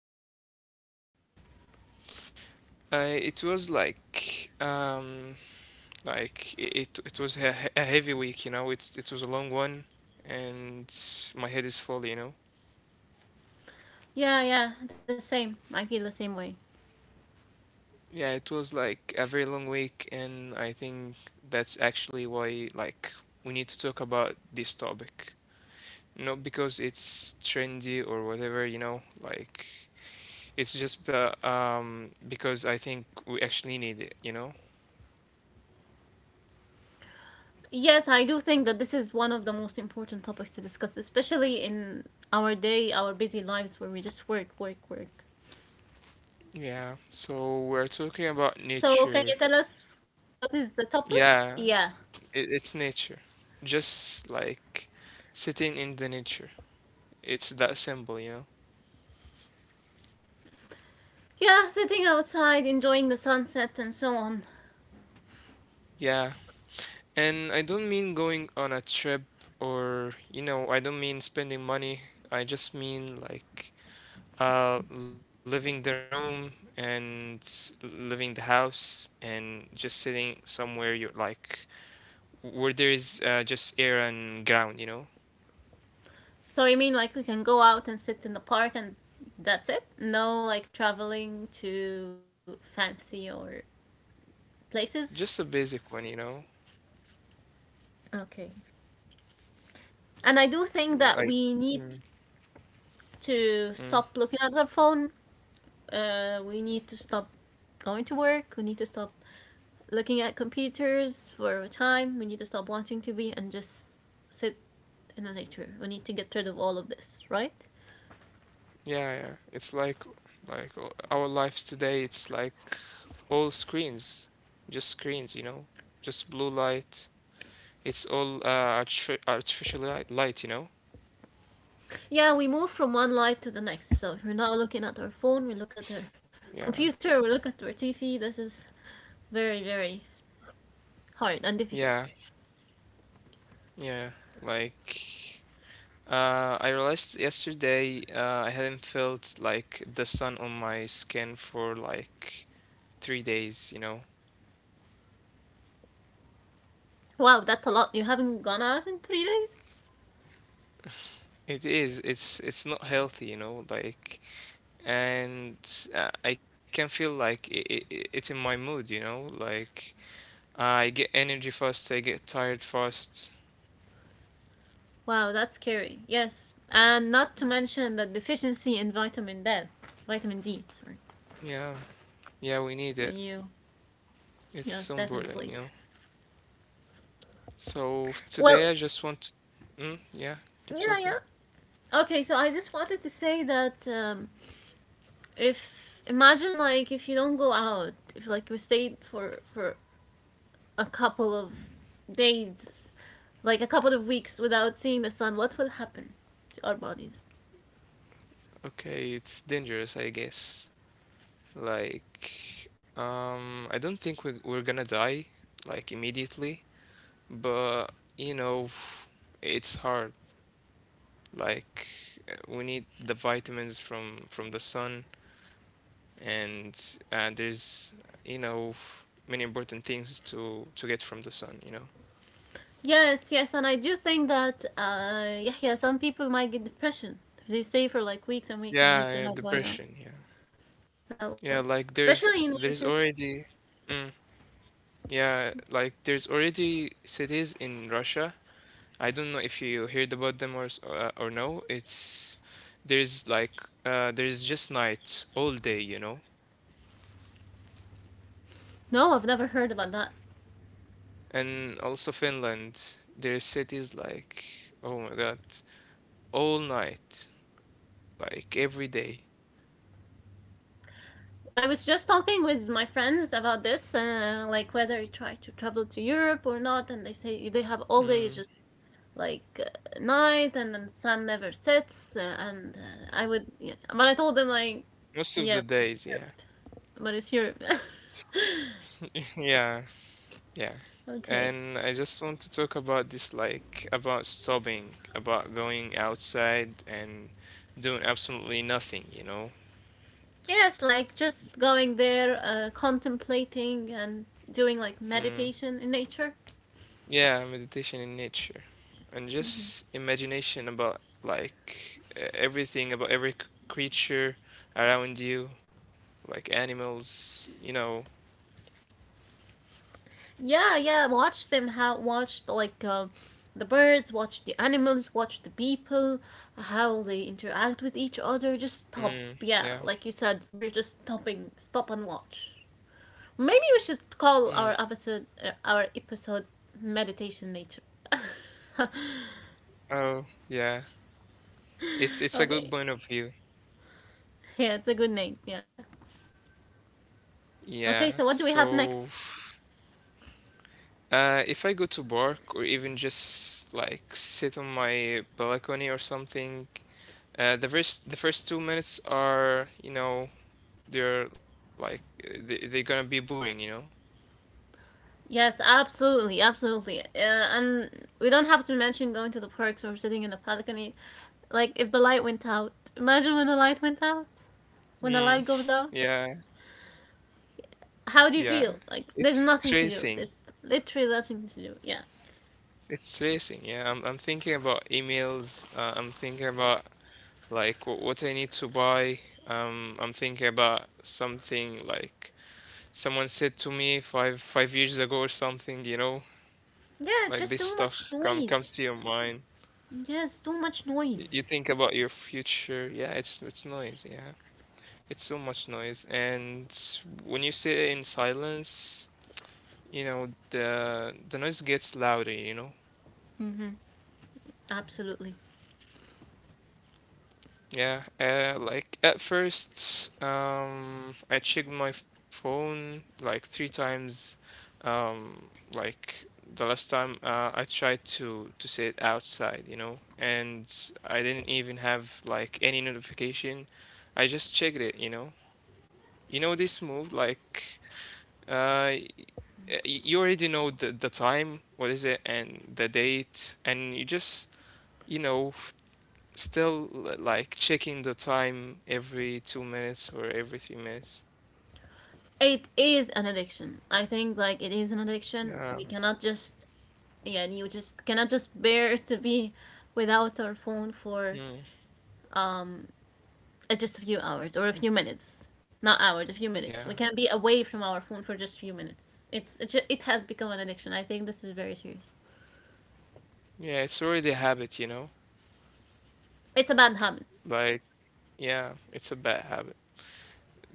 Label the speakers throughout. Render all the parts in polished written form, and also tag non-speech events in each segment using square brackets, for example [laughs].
Speaker 1: Why? What happened?
Speaker 2: It was um like it it was a, a heavy week, you know. It was a long one, and my head is full, you know.
Speaker 1: Yeah, yeah, the same. I feel the same way.
Speaker 2: Yeah, it was like a very long week, and I think that's actually why like we need to talk about this topic. Not because it's trendy or whatever, you know, like. It's just because I think we actually need it, you know?
Speaker 1: Yes, I do think that this is one of the most important topics to discuss, especially in our day, our busy lives where we just work, work, work.
Speaker 2: Yeah. So we're talking about
Speaker 1: So, can
Speaker 2: nature.
Speaker 1: you tell us what is the topic?
Speaker 2: Yeah,
Speaker 1: Yeah.
Speaker 2: it, it's nature. Just like sitting in the nature. It's that simple, you know?
Speaker 1: Yeah, sitting outside, enjoying the sunset, and so on.
Speaker 2: Yeah. And I don't mean going on a trip or, you know, I don't mean spending money. I just mean like leaving the room and leaving the house and just sitting somewhere you like where there is just air and ground, you know?
Speaker 1: So, you mean like we can go out and sit in the park and that's it? No, like traveling to fancy or places?
Speaker 2: Just a basic one, you know?
Speaker 1: Okay. And I do think that
Speaker 2: Like,
Speaker 1: we need
Speaker 2: mm,
Speaker 1: to
Speaker 2: mm,
Speaker 1: stop looking at our phone. We need to stop going to work. We need to stop looking at computers for time. We need to stop watching TV and just sit in the nature. We need to get rid of all of this, right?
Speaker 2: yeah, yeah. It's like our lives today, it's like all screens, just screens, you know? Just blue light. It's all uh, artificial light, you know?
Speaker 1: Yeah, we move from one light to the next. So if we're now looking at our phone, we look at our
Speaker 2: Yeah.
Speaker 1: computer. We look at our TV. This is very, very hard and difficult.
Speaker 2: Yeah, yeah. Like, I realized yesterday I hadn't felt like the sun on my skin for like 3 days, you know?
Speaker 1: Wow, that's a lot. You haven't gone out in 3 days?
Speaker 2: It is. It's not healthy, you know, like and I can feel like it's in my mood, you know, like I get energy fast, I get tired fast.
Speaker 1: Wow, that's scary. Yes, and not to mention the deficiency in vitamin D. Vitamin D, sorry.
Speaker 2: Yeah. Yeah, we need
Speaker 1: When
Speaker 2: it.
Speaker 1: you,
Speaker 2: It's
Speaker 1: yes,
Speaker 2: so
Speaker 1: definitely.
Speaker 2: important, you know. So
Speaker 1: Well,
Speaker 2: today I just want to mm, yeah, keep
Speaker 1: yeah, yeah.
Speaker 2: talking.
Speaker 1: Okay, so I just wanted to say that if imagine like if you don't go out, if like you stayed for a couple of days, like a couple of weeks without seeing the sun, what will happen to our bodies?
Speaker 2: Okay, it's dangerous, I guess. Like, I don't think we're gonna die like immediately, but you know, it's hard. Like we need the vitamins from the sun, and there's you know many important things to get from the sun. You know.
Speaker 1: Yes, yes, and I do think that yeah, yeah, some people might get depression if they stay for like weeks and
Speaker 2: Yeah,
Speaker 1: weeks and
Speaker 2: yeah,
Speaker 1: weeks without going
Speaker 2: depression.
Speaker 1: out.
Speaker 2: Yeah,
Speaker 1: That
Speaker 2: yeah.
Speaker 1: would
Speaker 2: Like there's
Speaker 1: Especially in
Speaker 2: there's
Speaker 1: winter.
Speaker 2: already, mm, yeah, like there's already cities in Russia. I don't know if you heard about them or or no. It's there's just night all day. You know,
Speaker 1: No, I've never heard about that.
Speaker 2: and also Finland, there are cities like, oh my God, all night, like every day.
Speaker 1: I was just talking with my friends about this like whether you try to travel to Europe or not, and they say they have all day
Speaker 2: Mm,
Speaker 1: just like night, and then the sun never sets. And I would Yeah. But I told them like,
Speaker 2: most of the
Speaker 1: yeah,
Speaker 2: days, yeah.
Speaker 1: but it's Europe. But it's Europe. [laughs]
Speaker 2: [laughs] Yeah, yeah.
Speaker 1: Okay.
Speaker 2: And I just want to talk about this, like about stopping, about going outside and doing absolutely nothing, you know?
Speaker 1: Yes, like just going there, contemplating and doing like
Speaker 2: Mm.
Speaker 1: meditation in nature.
Speaker 2: Yeah, meditation in nature and just imagination about like everything about every creature around you, like animals, you know.
Speaker 1: Yeah, yeah. Watch them. Like, the birds, watch the animals, watch the people, how they interact with each other. Just stop.
Speaker 2: Mm,
Speaker 1: Yeah,
Speaker 2: yeah.
Speaker 1: like you said, we're just stopping. Stop and watch. Maybe we should
Speaker 2: Mm,
Speaker 1: call our episode meditation nature. [laughs]
Speaker 2: oh, yeah. It's a
Speaker 1: Okay.
Speaker 2: good point of view.
Speaker 1: Yeah, it's a good name. Yeah.
Speaker 2: Yeah.
Speaker 1: Okay. So what do we have
Speaker 2: So,
Speaker 1: next?
Speaker 2: if I go to work or even just like sit on my balcony or something, uh, the first 2 minutes are, you know, they're like uh, they're gonna be boring, you know.
Speaker 1: Yes, absolutely, absolutely. And we don't have to mention going to the parks or sitting in the balcony. Like, if the light went out, imagine when the light went out, when the
Speaker 2: Mm,
Speaker 1: light goes
Speaker 2: [laughs]
Speaker 1: out.
Speaker 2: yeah,
Speaker 1: How do you
Speaker 2: yeah.
Speaker 1: feel? Like, there's
Speaker 2: It's
Speaker 1: nothing to do.
Speaker 2: stressing.
Speaker 1: There's Literally nothing to do. Yeah.
Speaker 2: It's stressing. Yeah, I'm thinking about emails. I'm thinking about like what I need to buy. I'm thinking about something like someone said to me five years ago or something, you know,
Speaker 1: Yeah,
Speaker 2: like
Speaker 1: just
Speaker 2: this
Speaker 1: too much
Speaker 2: stuff come comes
Speaker 1: noise.
Speaker 2: to your mind.
Speaker 1: Yes, too much
Speaker 2: You
Speaker 1: noise.
Speaker 2: think about your future. Yeah, it's noise. Yeah, it's so much noise. And when you sit in silence. You know the noise gets louder, you know,
Speaker 1: Mm-hmm. Absolutely.
Speaker 2: yeah. Like at first I checked my phone like 3 times, um like the last time, I tried to sit outside, you know, and I didn't even have like any notification. I just checked it, you know. You know this move, like uh y- you already know the time, what is it, and the date, and you just you know still like checking the time every 2 minutes or every 3 minutes.
Speaker 1: It is an addiction. I think, like, it is an
Speaker 2: Yeah.
Speaker 1: addiction. We cannot just, Yeah, you just cannot just bear to be without our phone for
Speaker 2: Mm.
Speaker 1: um, just a few hours or a few minutes, not hours, a few
Speaker 2: Yeah.
Speaker 1: minutes. We can be away from our phone for just a few minutes. It has become an addiction. I think this is very serious.
Speaker 2: Yeah, it's already a habit, you know?
Speaker 1: It's a bad habit.
Speaker 2: Like, yeah, it's a bad habit.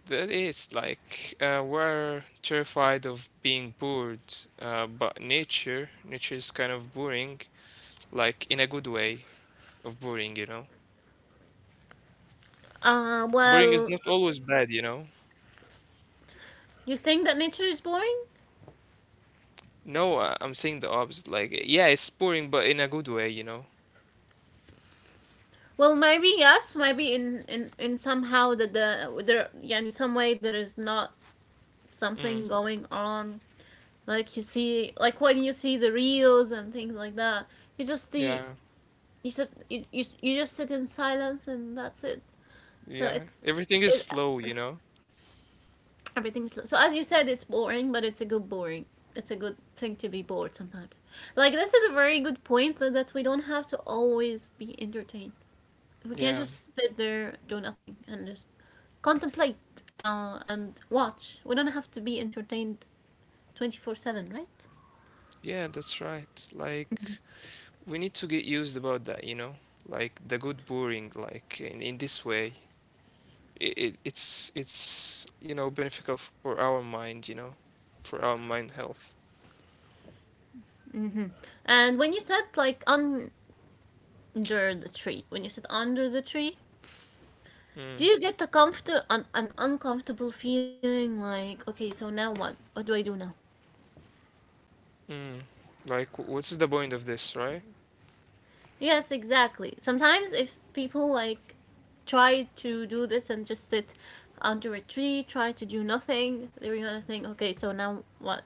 Speaker 2: That is like we're terrified of being bored, uh, but nature is kind of boring, like in a good way of boring, you know? Boring is
Speaker 1: Well,
Speaker 2: not always bad, you know?
Speaker 1: you think that nature is boring?
Speaker 2: No, I'm saying the opposite. Like, yeah, it's boring, but in a good way, you know?
Speaker 1: Well, maybe yes, maybe in somehow that the there yeah, in some way there is not
Speaker 2: Mm.
Speaker 1: something going on. Like you see, like when you see the reels and things like that, you just the
Speaker 2: Yeah.
Speaker 1: you just sit in silence, and that's it. So
Speaker 2: Yeah,
Speaker 1: it's
Speaker 2: everything is
Speaker 1: it
Speaker 2: slow, you know?
Speaker 1: everything's, so as you said, it's boring, but it's a good boring. It's a good thing to be bored sometimes. Like this is a very good point that we don't have to always be entertained. We can't
Speaker 2: Yeah,
Speaker 1: just sit there, do nothing, and just contemplate and watch. We don't have to be entertained 24/7, right?
Speaker 2: yeah, that's right. Like, we need to get used about that, you know? Like the good boring, like in this way, it's you know beneficial for our mind, you know, for our mind health.
Speaker 1: Mm-hmm. And when you sit under the tree, do
Speaker 2: Mm,
Speaker 1: you get an uncomfortable feeling like, okay, so now what do I do now?
Speaker 2: mm. Like, what's the point of this, right?
Speaker 1: Yes, exactly. Sometimes if people like try to do this and just sit under a tree, try to do nothing, they're gonna think, okay, so now what?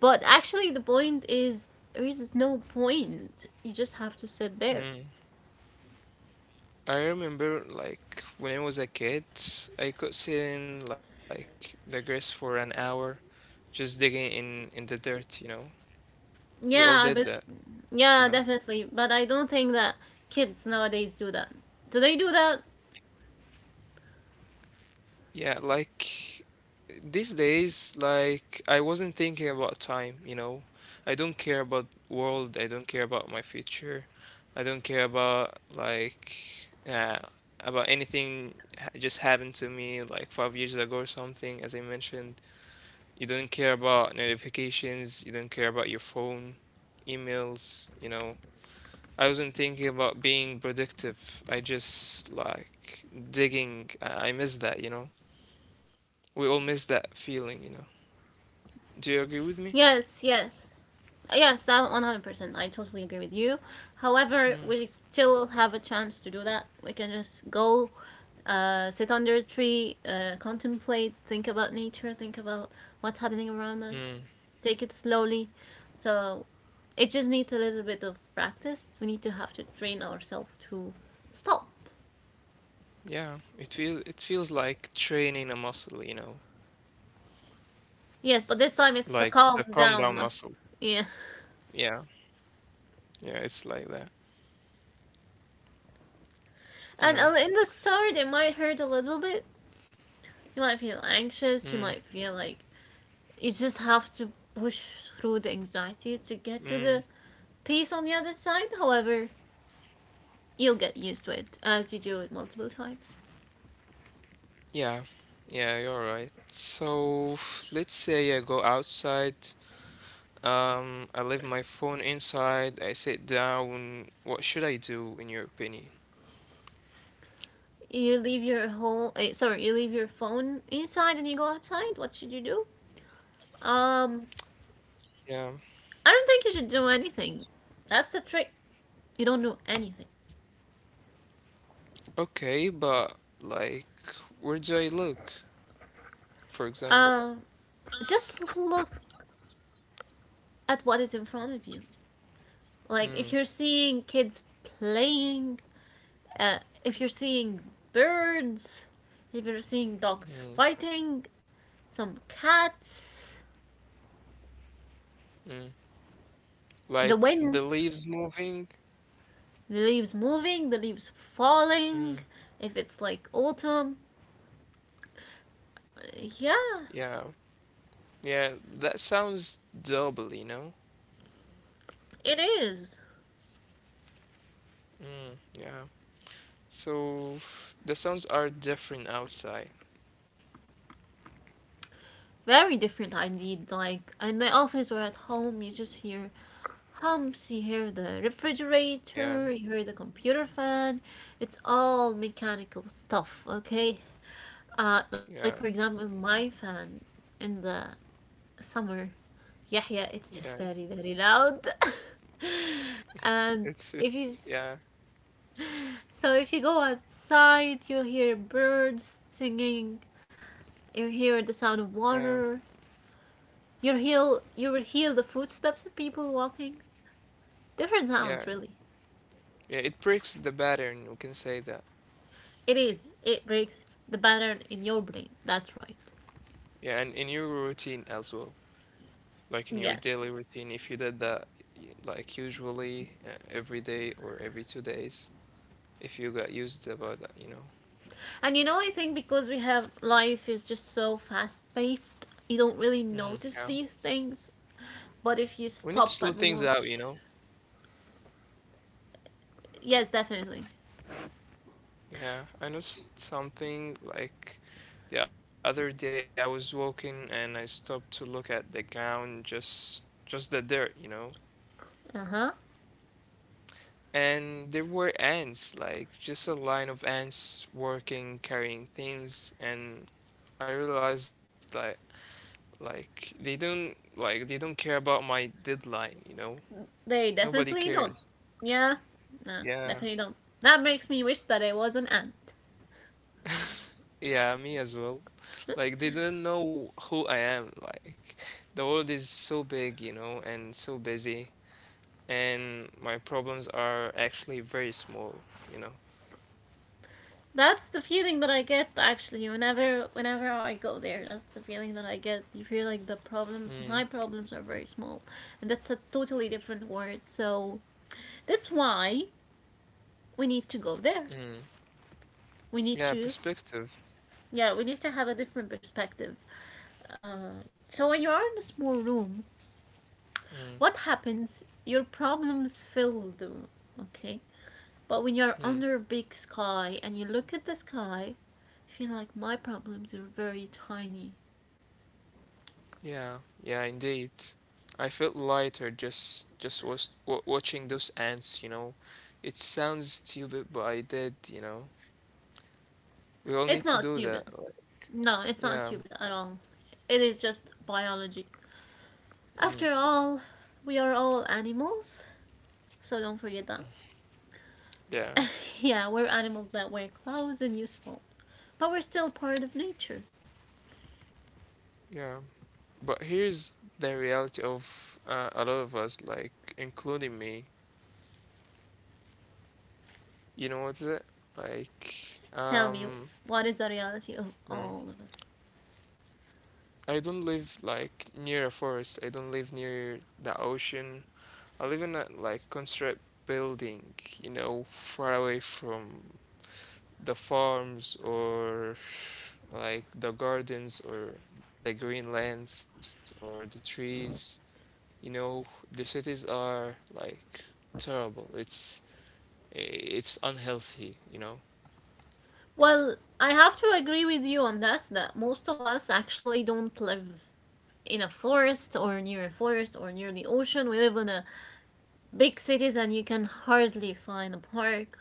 Speaker 1: But actually the point is there is no point. You just have to sit there.
Speaker 2: Mm. I remember like when I was a kid, I could sit in like the grass for an hour, just digging in the dirt, you know. We
Speaker 1: Yeah,
Speaker 2: all
Speaker 1: but
Speaker 2: did that.
Speaker 1: yeah, definitely. But I don't think that kids nowadays do that. Do they do that?
Speaker 2: Yeah, like these days, like I wasn't thinking about time, you know. I don't care about world, I don't care about my future. I don't care about like about anything just happened to me like 5 years ago or something, as I mentioned. You don't care about notifications, you don't care about your phone, emails, you know. I wasn't thinking about being productive. I just like digging. I miss that, you know, we all miss that feeling, you know. Do you agree with me?
Speaker 1: Yes, yes. Yes, that 100%. I totally agree with you. However,
Speaker 2: Mm.
Speaker 1: we still have a chance to do that. We can just go, sit under a tree, contemplate, think about nature, think about what's happening around us,
Speaker 2: Mm.
Speaker 1: take it slowly. So it just needs a little bit of practice. We need to have to train ourselves to stop.
Speaker 2: Yeah, it feels like training a muscle, you know,
Speaker 1: Yes, but this time
Speaker 2: like
Speaker 1: it's the
Speaker 2: the
Speaker 1: calm
Speaker 2: calm down
Speaker 1: down
Speaker 2: muscle.
Speaker 1: must. Yeah.
Speaker 2: Yeah, yeah, it's like that, you
Speaker 1: And
Speaker 2: know.
Speaker 1: in the start, it might hurt a little bit. You might feel
Speaker 2: Mm.
Speaker 1: anxious. You might feel like you just have to push through the anxiety to get to
Speaker 2: Mm.
Speaker 1: the peace on the other side. However, you'll get used to it as you do it multiple times.
Speaker 2: Yeah, yeah, you're right. So [sighs] let's say I go outside, I leave my phone inside, I sit down. What should I do in your opinion?
Speaker 1: You leave your phone inside and you go outside. What should you do? Um,
Speaker 2: Yeah.
Speaker 1: I don't think you should do anything. That's the trick. You don't do anything.
Speaker 2: Okay, but like, where do I look, for example?
Speaker 1: Um, just look at what is in front of you. Like,
Speaker 2: Mm.
Speaker 1: if you're seeing kids playing, Uh, if you're seeing birds, if you're seeing dogs fighting, some cats,
Speaker 2: Mm.
Speaker 1: the
Speaker 2: Like the
Speaker 1: wind,
Speaker 2: leaves moving.
Speaker 1: the leaves moving, the leaves falling,
Speaker 2: Mm.
Speaker 1: if it's like autumn, yeah,
Speaker 2: Yeah. Yeah, that sounds double, you know?
Speaker 1: it is.
Speaker 2: Mm. Yeah. So the sounds are different outside.
Speaker 1: Very different indeed. Like in the office or at home, you just hear hums, you hear the
Speaker 2: Yeah,
Speaker 1: refrigerator, you hear the computer fan. It's all mechanical stuff, okay? Like, for
Speaker 2: yeah,
Speaker 1: example, my fan in the summer, Yahya, it's just
Speaker 2: yeah.
Speaker 1: very very loud. [laughs] And
Speaker 2: It's
Speaker 1: if you
Speaker 2: it's yeah,
Speaker 1: so if you go outside, you'll hear birds singing, you hear the sound of
Speaker 2: yeah,
Speaker 1: water, you will hear the footsteps of people walking. Different
Speaker 2: yeah.
Speaker 1: sounds really.
Speaker 2: Yeah, it breaks the pattern, we can say that.
Speaker 1: It breaks the pattern in your brain. That's right.
Speaker 2: Yeah, and in your routine as well. Like in your
Speaker 1: Yeah.
Speaker 2: daily routine, if you did that y- like usually every day or every 2 days, if you got used about that, you know.
Speaker 1: And you know, I think because we have life is just so fast paced, you don't really
Speaker 2: Mm. Yeah.
Speaker 1: notice these things. But if you
Speaker 2: We need to slow
Speaker 1: stop
Speaker 2: things
Speaker 1: and
Speaker 2: out, you
Speaker 1: watch.
Speaker 2: know?
Speaker 1: Yes, definitely.
Speaker 2: Yeah, I noticed something like the other day I was walking and I stopped to look at the ground, just the dirt, you know?
Speaker 1: Uh huh.
Speaker 2: And there were ants, like just a line of ants working, carrying things, and I realized that like they don't care about my deadline, you know?
Speaker 1: They
Speaker 2: Nobody
Speaker 1: definitely don't.
Speaker 2: cares.
Speaker 1: Yeah. No,
Speaker 2: Yeah.
Speaker 1: definitely don't. That makes me wish that I was an ant.
Speaker 2: Yeah, me as well. Like they don't know who I am. Like the world is so big, you know, and so busy, and my problems are actually very small, you know.
Speaker 1: That's the feeling that I get, actually, whenever I go there. That's the feeling that I get. You feel like
Speaker 2: Mm,
Speaker 1: my problems are very small, and that's a totally different word. So that's why we need to go there.
Speaker 2: mm.
Speaker 1: We need
Speaker 2: Yeah,
Speaker 1: to,
Speaker 2: perspective.
Speaker 1: yeah, we need to have a different perspective. So when you are in a small room,
Speaker 2: Mm,
Speaker 1: what happens? Your problems fill the room, okay? But when you're
Speaker 2: mm.
Speaker 1: under a big sky and you look at the sky, you feel like my problems are very tiny.
Speaker 2: Yeah, yeah, indeed. I felt lighter just was w watching those ants, you know. It sounds stupid, but I did, you know. We all
Speaker 1: It's
Speaker 2: need to
Speaker 1: not
Speaker 2: do
Speaker 1: stupid.
Speaker 2: that. Like,
Speaker 1: No, it's not
Speaker 2: yeah,
Speaker 1: stupid at all. It is just biology.
Speaker 2: mm,
Speaker 1: After all, we are all animals, so don't forget that.
Speaker 2: yeah,
Speaker 1: [laughs] Yeah, we're animals that wear clothes and use phones. But we're still part of nature.
Speaker 2: yeah. But here's the reality of a lot of us, like including me. You know what's it? Like,
Speaker 1: Tell me, what is the reality of all
Speaker 2: mm,
Speaker 1: of us?
Speaker 2: I don't live like near a forest. I don't live near the ocean. I live in a like construct building, you know, far away from the farms or like the gardens or the green lands or the trees. You know, the cities are like terrible. It's unhealthy, you know?
Speaker 1: Well, I have to agree with you on this that most of us actually don't live in a forest or near a forest or near the ocean. We live in a big cities, and you can hardly find a park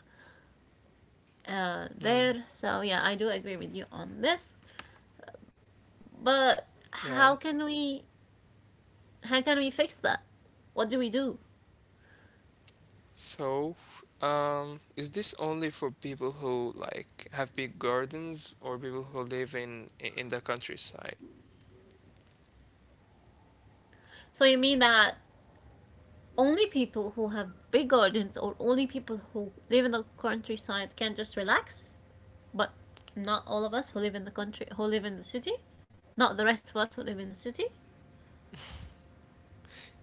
Speaker 2: Mm,
Speaker 1: there. So yeah, I do agree with you on this. But
Speaker 2: yeah.
Speaker 1: how can we fix that? What do we do?
Speaker 2: So, is this only for people who like have big gardens or people who live in the countryside?
Speaker 1: So you mean that only people who have big gardens or only people who live in the countryside can just relax, but not all of us who live in the country who live in the city, not the rest of us who live in the city.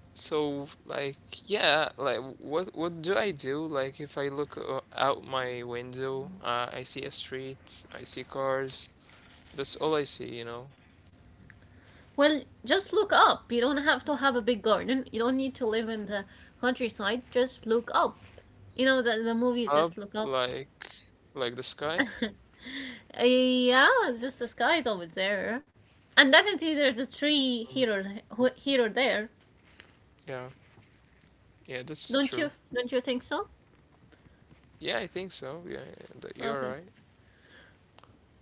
Speaker 2: So, like, yeah, like what do I do? Like, if I look out my window, I see a street, I see cars. That's all I see, you know?
Speaker 1: Well, just look up. You don't have to have a big garden. You don't need to live in the countryside. Just look up. You know the movie
Speaker 2: Up,
Speaker 1: Just Look Up.
Speaker 2: like, like the sky.
Speaker 1: [laughs] Yeah, it's just the sky is always there, and definitely there's a tree
Speaker 2: Mm,
Speaker 1: here or here or there.
Speaker 2: yeah, yeah, that's
Speaker 1: Don't
Speaker 2: true.
Speaker 1: you? Don't you think so?
Speaker 2: Yeah, I think so. Yeah, that you're
Speaker 1: Okay.
Speaker 2: right.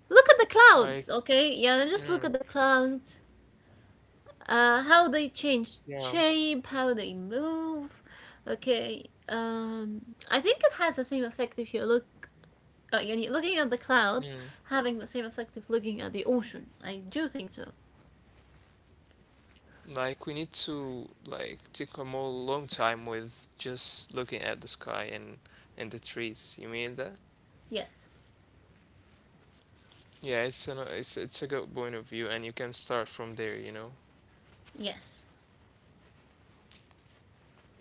Speaker 1: Look at the
Speaker 2: Like.
Speaker 1: clouds. Okay. Yeah, just look
Speaker 2: Mm,
Speaker 1: at the clouds. How they
Speaker 2: yeah,
Speaker 1: change shape, how they move. Okay. I think it has the same effect if you look yani looking at the clouds
Speaker 2: mm.
Speaker 1: having the same effect of looking at the ocean. I do think so.
Speaker 2: Like we need to like take a more long time with just looking at the sky and the trees. You mean that?
Speaker 1: Yes.
Speaker 2: Yeah, it's an it's a good point of view, and you can start from there, you know.
Speaker 1: Yes.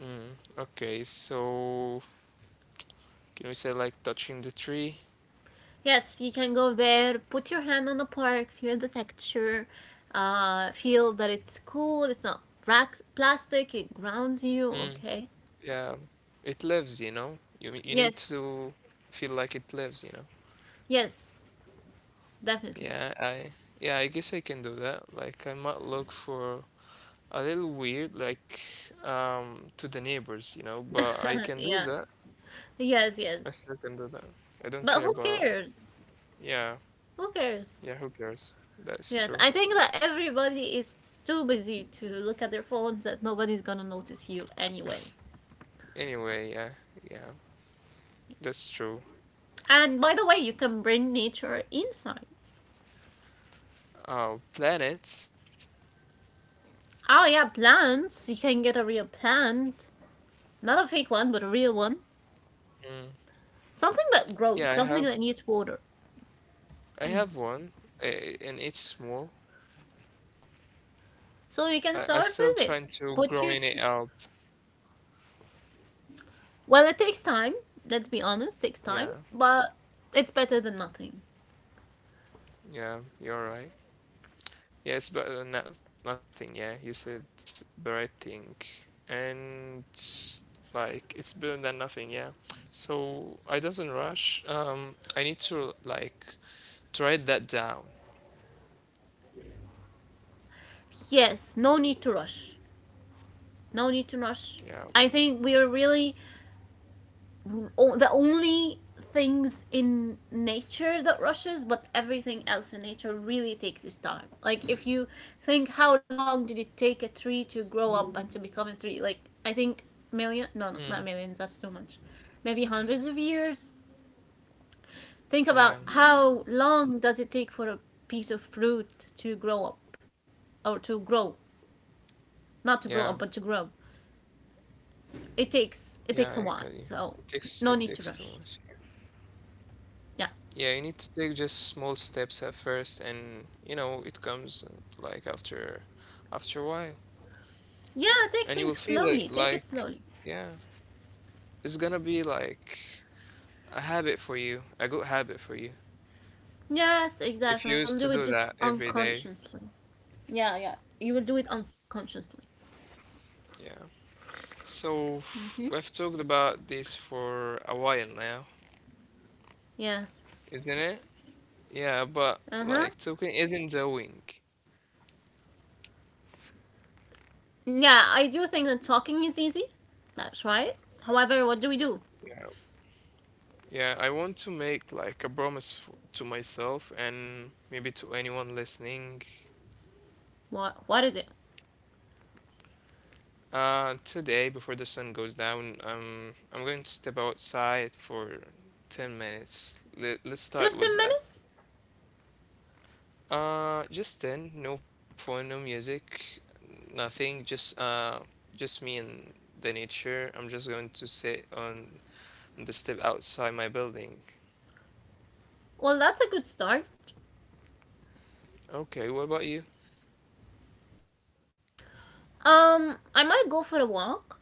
Speaker 2: Mm, okay, so can we say like touching the tree?
Speaker 1: Yes, you can go there, put your hand on the park, feel the texture, feel that it's cool, it's not plastic, it grounds you,
Speaker 2: Mm,
Speaker 1: okay?
Speaker 2: yeah, it lives, you know. You need
Speaker 1: Yes,
Speaker 2: to feel like it lives, you know.
Speaker 1: yes, definitely.
Speaker 2: Yeah, I yeah, I guess I can do that. Like I might look for a little weird, like to the neighbors, you know, but I
Speaker 1: [laughs]
Speaker 2: can do
Speaker 1: Yeah,
Speaker 2: that.
Speaker 1: yes, yes.
Speaker 2: I still can do that. I don't
Speaker 1: But
Speaker 2: care
Speaker 1: who
Speaker 2: about,
Speaker 1: cares?
Speaker 2: yeah,
Speaker 1: Who cares?
Speaker 2: yeah, who cares? That's
Speaker 1: Yes,
Speaker 2: true.
Speaker 1: I think that everybody is too busy to look at their phones that nobody's gonna notice you anyway.
Speaker 2: Anyway, yeah, yeah, that's true.
Speaker 1: And by the way, you can bring nature inside.
Speaker 2: Oh, planets.
Speaker 1: Oh yeah, plants. You can get a real plant, not a fake one, but a real one.
Speaker 2: Mm.
Speaker 1: Something that grows,
Speaker 2: Yeah, I
Speaker 1: something
Speaker 2: have,
Speaker 1: that needs water.
Speaker 2: I have one, and it's small.
Speaker 1: So you can
Speaker 2: I
Speaker 1: start
Speaker 2: still
Speaker 1: with it.
Speaker 2: trying to
Speaker 1: Put your
Speaker 2: growing
Speaker 1: tr-
Speaker 2: it up.
Speaker 1: well, it takes time. Let's be honest, it takes time,
Speaker 2: Yeah,
Speaker 1: but it's better than nothing.
Speaker 2: yeah, you're right. Yes, but no, nothing. Yeah, you said the right thing, and like it's better than nothing. Yeah, so I doesn't rush. I need to like to write that down.
Speaker 1: Yes, no need to rush. No need to rush.
Speaker 2: Yeah.
Speaker 1: I think we are really the only things in nature that rushes, but everything else in nature really takes its time. Like if you think, how long did it take a tree to grow up and to become a tree? Like I think million no, no, not
Speaker 2: Mm.
Speaker 1: millions, that's too much, maybe hundreds of years. Think about
Speaker 2: Yeah.
Speaker 1: how long does it take for a piece of fruit to grow up, or to grow, not to grow
Speaker 2: Yeah.
Speaker 1: up but to grow. it takes it
Speaker 2: Yeah.
Speaker 1: takes a
Speaker 2: I
Speaker 1: while,
Speaker 2: got you.
Speaker 1: so no
Speaker 2: It
Speaker 1: need to
Speaker 2: takes too
Speaker 1: rush.
Speaker 2: much. Yeah.
Speaker 1: Yeah.
Speaker 2: Yeah, you need to take just small steps at first, and you know it comes like after a while,
Speaker 1: Yeah, take
Speaker 2: and you will
Speaker 1: things
Speaker 2: feel it
Speaker 1: slowly. Take
Speaker 2: like
Speaker 1: it slowly.
Speaker 2: yeah, it's gonna be like a habit for you, a good habit for you.
Speaker 1: Yes,
Speaker 2: If
Speaker 1: exactly.
Speaker 2: you
Speaker 1: You'll
Speaker 2: used to
Speaker 1: do it
Speaker 2: do
Speaker 1: just
Speaker 2: that every day,
Speaker 1: unconsciously. Yeah, yeah. You will do it unconsciously.
Speaker 2: yeah. So
Speaker 1: Mm-hmm.
Speaker 2: we've talked about this for a while now,
Speaker 1: Yes.
Speaker 2: isn't it? Yeah, but
Speaker 1: Uh huh.
Speaker 2: like talking isn't doing.
Speaker 1: Yeah, I do think that talking is easy. That's right. However, what do we do?
Speaker 2: Yeah, yeah. I want to make like a promise to myself and maybe to anyone listening.
Speaker 1: What is it?
Speaker 2: Today before the sun goes down, I'm going to step outside for 10 minutes. Let's start
Speaker 1: Just ten
Speaker 2: with that.
Speaker 1: minutes?
Speaker 2: Just ten. No phone, no music, nothing. Just me and the nature. I'm just going to sit on the step outside my building.
Speaker 1: Well, that's a good start.
Speaker 2: Okay, what about you?
Speaker 1: I might go for a walk,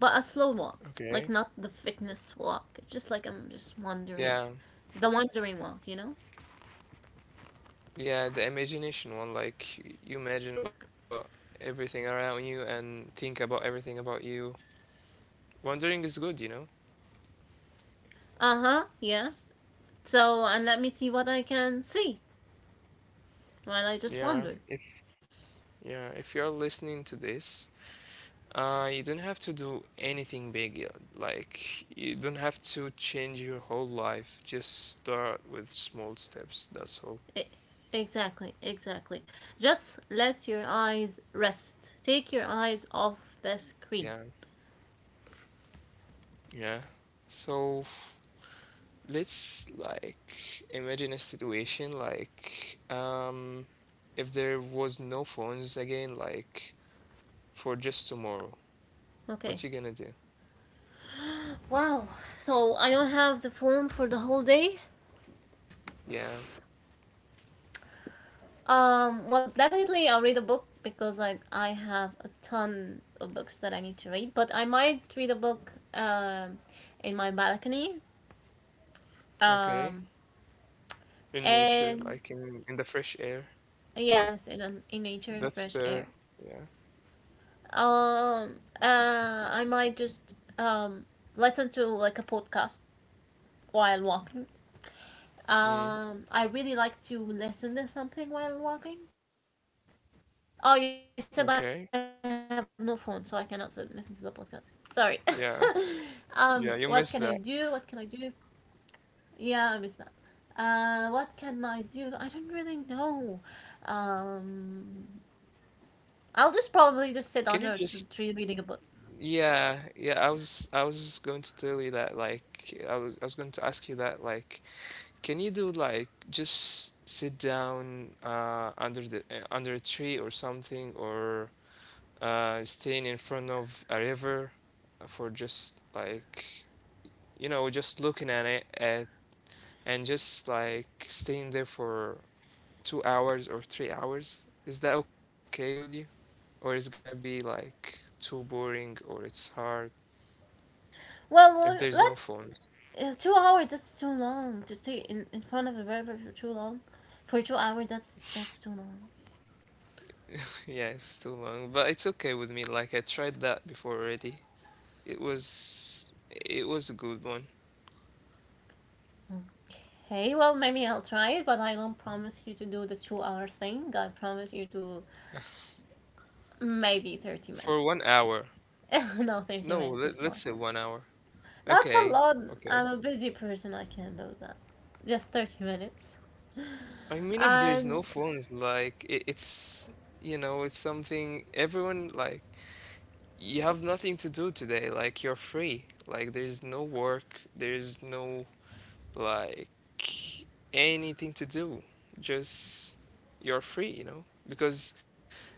Speaker 1: but a slow walk,
Speaker 2: Okay.
Speaker 1: like not the fitness walk. It's just like I'm just
Speaker 2: Yeah,
Speaker 1: wandering, the wandering walk, you know?
Speaker 2: yeah, the imagination one. Like you imagine about everything around you and think about everything about you. Wondering is good, you know?
Speaker 1: Uh huh. Yeah. So, and let me see what I can see while I just
Speaker 2: Yeah,
Speaker 1: wander.
Speaker 2: if yeah, if you're listening to this. You don't have to do anything big. Like, you don't have to change your whole life. Just start with small steps. That's all.
Speaker 1: E- Exactly, exactly. Just let your eyes rest. Take your eyes off the
Speaker 2: Yeah.
Speaker 1: screen.
Speaker 2: Yeah. So let's like imagine a situation like if there was no phones again, like for just tomorrow.
Speaker 1: Okay.
Speaker 2: What you gonna do?
Speaker 1: Wow. So I don't have the form for the whole day.
Speaker 2: Yeah.
Speaker 1: Well, definitely I'll read a book because I have a ton of books that I need to read. But I might read a book in my balcony. Um.
Speaker 2: Okay. In nature,
Speaker 1: And
Speaker 2: like in the fresh air.
Speaker 1: yes, in nature and
Speaker 2: That's
Speaker 1: fresh air.
Speaker 2: better. Yeah.
Speaker 1: I might just listen to like a podcast while walking.
Speaker 2: Mm,
Speaker 1: I really like to listen to something while walking. Oh, you said I have no phone, so I cannot listen to the
Speaker 2: okay.
Speaker 1: podcast. Sorry. [laughs] What can I do? What
Speaker 2: Yeah.
Speaker 1: can I do?
Speaker 2: Yeah, you missed that.
Speaker 1: Yeah, I miss that. What can I do? I don't really know. Um, I'll just probably just sit
Speaker 2: Can
Speaker 1: under
Speaker 2: you
Speaker 1: a
Speaker 2: just
Speaker 1: tree reading a book.
Speaker 2: Yeah, yeah, I was just going to tell you that like I was going to ask you that like can you do like just sit down under a tree or something or staying in front of a river for just like you know just looking at it at and just like staying there for 2 hours or 3 hours. Is that okay with you? Or it's gonna be like too boring or it's hard if there's
Speaker 1: Well,
Speaker 2: no
Speaker 1: let's
Speaker 2: phone. [laughs]
Speaker 1: Yeah, 2 hours, that's too long. To stay in front of the river for too long. For 2 hours, that's too long.
Speaker 2: Yeah, it's too long, but it's okay with me. Like I tried that before already. It was a good one
Speaker 1: Okay, well, maybe I'll try it, but I don't promise you to do the 2 hour thing. I promise you to maybe 30
Speaker 2: for one
Speaker 1: minutes.
Speaker 2: hour.
Speaker 1: [laughs] no, 30
Speaker 2: No,
Speaker 1: minutes is
Speaker 2: let's
Speaker 1: fine.
Speaker 2: say 1 hour.
Speaker 1: That's a
Speaker 2: Okay,
Speaker 1: lot. I'm
Speaker 2: okay.
Speaker 1: a busy person, I can't do that. Just 30 minutes.
Speaker 2: I mean, if there's no
Speaker 1: And,
Speaker 2: phones, like it's it's something everyone like you have nothing to do today. Like you're free. Like there's no work, there's no like anything to do. Just you're free, you know? Because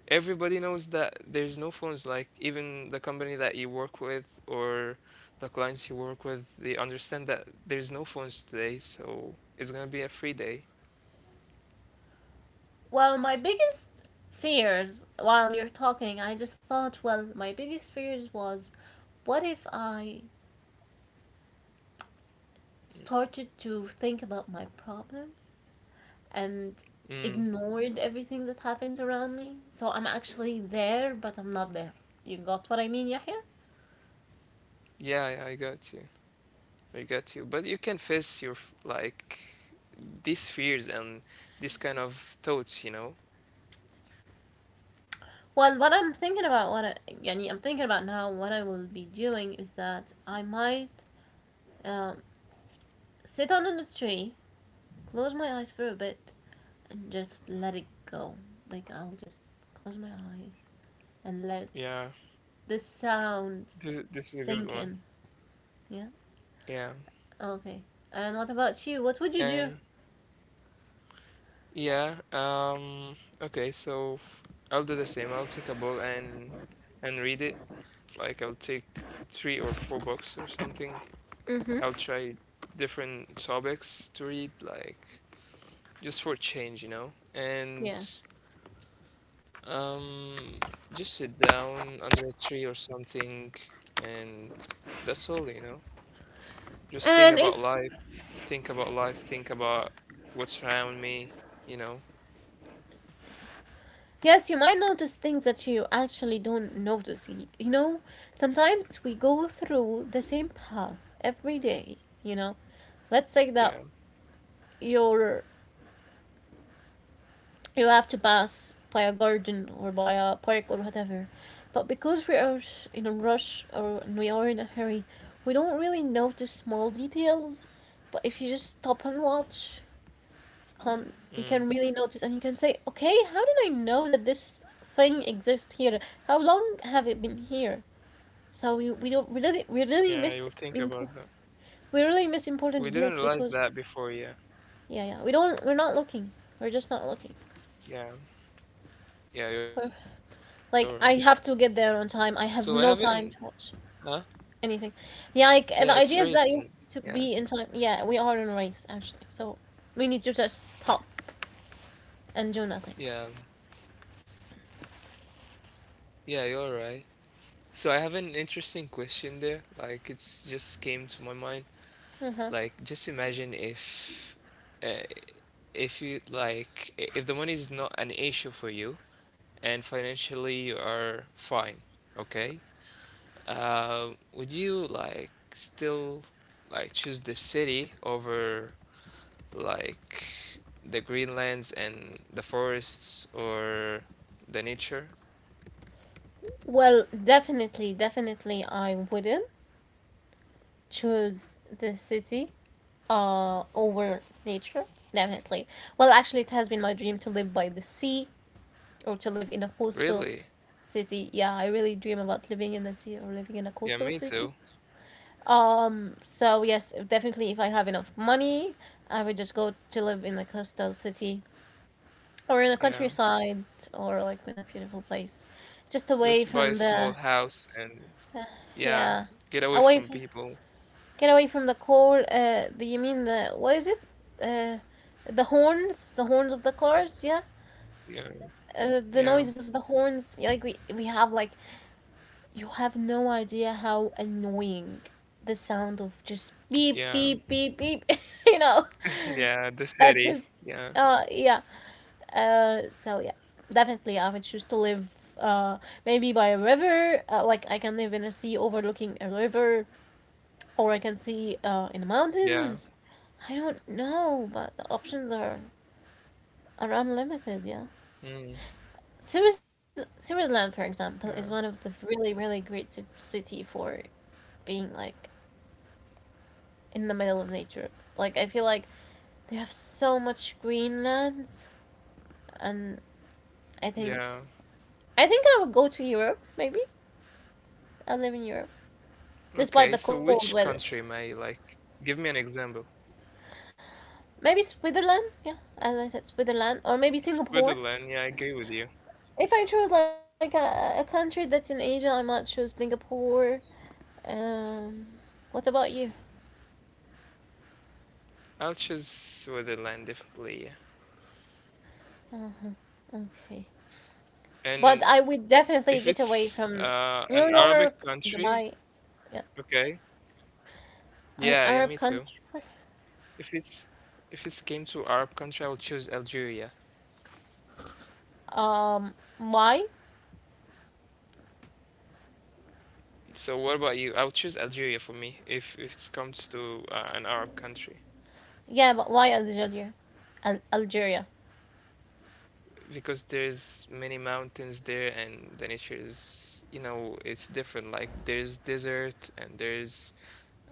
Speaker 2: everybody knows that there's no phones. Like, even the company that you work with or the clients you work with, they understand that there's no phones today, so it's gonna be a free day.
Speaker 1: well, my biggest fears while you're talking, I just thought, well, my biggest fears was, what if I started to think about my problems and
Speaker 2: Mm.
Speaker 1: ignored everything that happens around me? So I'm actually there, but I'm not there. You got what I mean, Yahya?
Speaker 2: Yeah, yeah, I got you. I got you. But you can face your like these fears and this kind of thoughts, you know?
Speaker 1: Well, what I'm thinking about, what I, يعني I'm thinking about now, what I will be doing is that I might um, sit on a tree, close my eyes for a bit, and just let it go. Like I'll just close my eyes and let
Speaker 2: Yeah.
Speaker 1: the sound
Speaker 2: This is a good
Speaker 1: sink
Speaker 2: one.
Speaker 1: in. Yeah.
Speaker 2: Yeah.
Speaker 1: Okay. And what about you? What would you
Speaker 2: And
Speaker 1: do?
Speaker 2: Yeah. Okay. So I'll do the same. I'll take a book and read it. Like I'll take three or four books or something. I'll
Speaker 1: Mm-hmm.
Speaker 2: try different topics to read, like just for change, you know. And
Speaker 1: Yeah.
Speaker 2: um, just sit down under a tree or something, and that's all, you know. Just
Speaker 1: And
Speaker 2: think
Speaker 1: if,
Speaker 2: about life. Think about life. Think about what's around me. You know.
Speaker 1: Yes, you might notice things that you actually don't notice. You know, sometimes we go through the same path every day, you know. Let's say that
Speaker 2: Yeah.
Speaker 1: you're, you have to pass by a garden or by a park or whatever. But because we are in a rush or we are in a hurry, we don't really notice small details. But if you just stop and watch, can really notice and you
Speaker 2: Mm.
Speaker 1: can say, okay, how did I know that this thing exists here? How long have it been here? So we don't we really miss
Speaker 2: Yeah. You'll
Speaker 1: impo-
Speaker 2: think about that.
Speaker 1: we really miss important details
Speaker 2: We
Speaker 1: because
Speaker 2: didn't realize that before, yeah.
Speaker 1: yeah, we don't, we're not looking, we're just not looking,
Speaker 2: Yeah,
Speaker 1: we're,
Speaker 2: yeah, you're
Speaker 1: like,
Speaker 2: right.
Speaker 1: I have to get there on time, I
Speaker 2: So
Speaker 1: have
Speaker 2: I
Speaker 1: no
Speaker 2: haven't,
Speaker 1: time to watch
Speaker 2: huh?
Speaker 1: anything. Yeah, like the idea
Speaker 2: Yeah,
Speaker 1: is that
Speaker 2: it's
Speaker 1: you have
Speaker 2: racing.
Speaker 1: to be in
Speaker 2: Yeah,
Speaker 1: time. Yeah, we are in a race actually, so we need to just stop and do nothing.
Speaker 2: yeah, yeah, you're right. So I have an interesting question there. Like, it's just came to my mind.
Speaker 1: Uh-huh.
Speaker 2: Like, just imagine uh, if you like, if the money is not an issue for you and financially you are fine, okay? Would you like still like choose the city over? Like the greenlands and the forests or the nature.
Speaker 1: Well, definitely, definitely, I wouldn't choose the city over nature. Definitely. Well, actually, it has been my dream to live by the sea or to live in a coastal
Speaker 2: Really?
Speaker 1: city. Yeah, I really dream about living in the sea or living in a
Speaker 2: Yeah,
Speaker 1: coastal
Speaker 2: me
Speaker 1: city.
Speaker 2: too.
Speaker 1: So yes, definitely, if I have enough money, I would just go to live in a coastal city or in a
Speaker 2: Yeah.
Speaker 1: countryside or like in a beautiful place, just away
Speaker 2: Just
Speaker 1: from
Speaker 2: buy a small house and yeah,
Speaker 1: yeah,
Speaker 2: get away
Speaker 1: away from.
Speaker 2: from people.
Speaker 1: Get away from the cold. You mean the, what is it? Uh, the horns, the horns of the cars. Yeah,
Speaker 2: Yeah.
Speaker 1: the noises
Speaker 2: Yeah.
Speaker 1: of the horns. Yeah, like we have like, you have no idea how annoying the sound of just beep
Speaker 2: Yeah.
Speaker 1: beep beep beep. [laughs] you know,
Speaker 2: [laughs] Yeah, the
Speaker 1: that's just
Speaker 2: city. Yeah.
Speaker 1: yeah. So yeah, definitely I would choose to live maybe by a river. Like I can live in a sea overlooking a river, or I can see in the
Speaker 2: Yeah.
Speaker 1: mountains. I don't know, but the are unlimited, yeah.
Speaker 2: Mm,
Speaker 1: Switzerland, for
Speaker 2: yeah.
Speaker 1: example, is one of the really, really great city for being like in the middle of nature. Like I feel like they have so much green land, and I think
Speaker 2: Yeah.
Speaker 1: I think I would go to Europe. Maybe I live in Europe,
Speaker 2: Okay, so
Speaker 1: despite the
Speaker 2: which
Speaker 1: cold
Speaker 2: country
Speaker 1: weather.
Speaker 2: may like give me an example?
Speaker 1: Maybe Switzerland, yeah, as I said, Switzerland, or maybe Singapore.
Speaker 2: Switzerland, yeah, I agree with you.
Speaker 1: If I chose like a country that's in Asia, I might choose Singapore. Um, what about you?
Speaker 2: I'll choose Switzerland definitely.
Speaker 1: Uh, okay,
Speaker 2: And
Speaker 1: but
Speaker 2: if
Speaker 1: I would
Speaker 2: it's
Speaker 1: definitely get away
Speaker 2: an
Speaker 1: from
Speaker 2: Arabic
Speaker 1: New
Speaker 2: country,
Speaker 1: York, Dubai,
Speaker 2: okay.
Speaker 1: yeah,
Speaker 2: Yeah, yeah,
Speaker 1: an
Speaker 2: me too.
Speaker 1: Arab country.
Speaker 2: If it's if it's came to Arab country, I will choose Algeria.
Speaker 1: Um, why?
Speaker 2: So what about you? I will choose Algeria for me if it comes to an Arab country
Speaker 1: Yeah, but why Algeria? Algeria.
Speaker 2: because there's many mountains there and the nature is it's different. Like there's desert and there's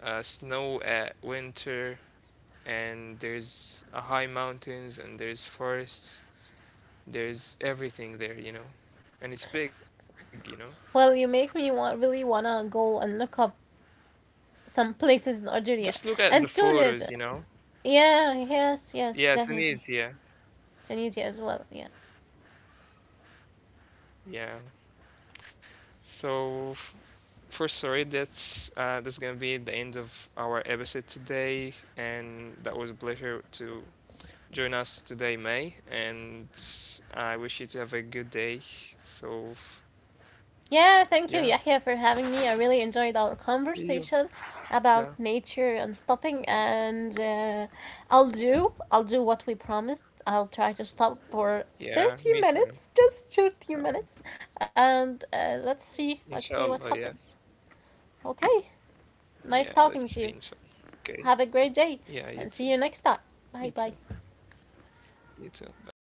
Speaker 2: snow at winter and there's high mountains and there's forests. There's everything there, you know. And it's big, you know.
Speaker 1: Well, you make me want, really wanna go and look up some places in Algeria
Speaker 2: Just look at the
Speaker 1: and Tunis.
Speaker 2: photos, you know.
Speaker 1: Yeah, yes, yes,
Speaker 2: Yeah,
Speaker 1: definitely.
Speaker 2: Tunisia.
Speaker 1: Tunisia as well. Yeah.
Speaker 2: Yeah. So f- for sorry, that's gonna be the end of our episode today, and that was a pleasure to join us today, May. And I wish you to have a good day. So yeah,
Speaker 1: Yeah, thank you, Yahya, for having me. I really enjoyed
Speaker 2: see
Speaker 1: our
Speaker 2: you.
Speaker 1: conversation
Speaker 2: Yeah,
Speaker 1: about nature and stopping. And I'll do what we promised. I'll try to stop for
Speaker 2: yeah,
Speaker 1: thirty
Speaker 2: me too.
Speaker 1: minutes, just thirty
Speaker 2: Inshallah,
Speaker 1: minutes, and let's see what
Speaker 2: Inshallah, yeah,
Speaker 1: happens. Okay, nice
Speaker 2: yeah.
Speaker 1: talking
Speaker 2: Let's
Speaker 1: to you.
Speaker 2: see, inshallah. Okay,
Speaker 1: Have a great day,
Speaker 2: yeah,
Speaker 1: and
Speaker 2: you
Speaker 1: see you
Speaker 2: too,
Speaker 1: next time. Bye
Speaker 2: you
Speaker 1: bye.
Speaker 2: too. You too. Bye.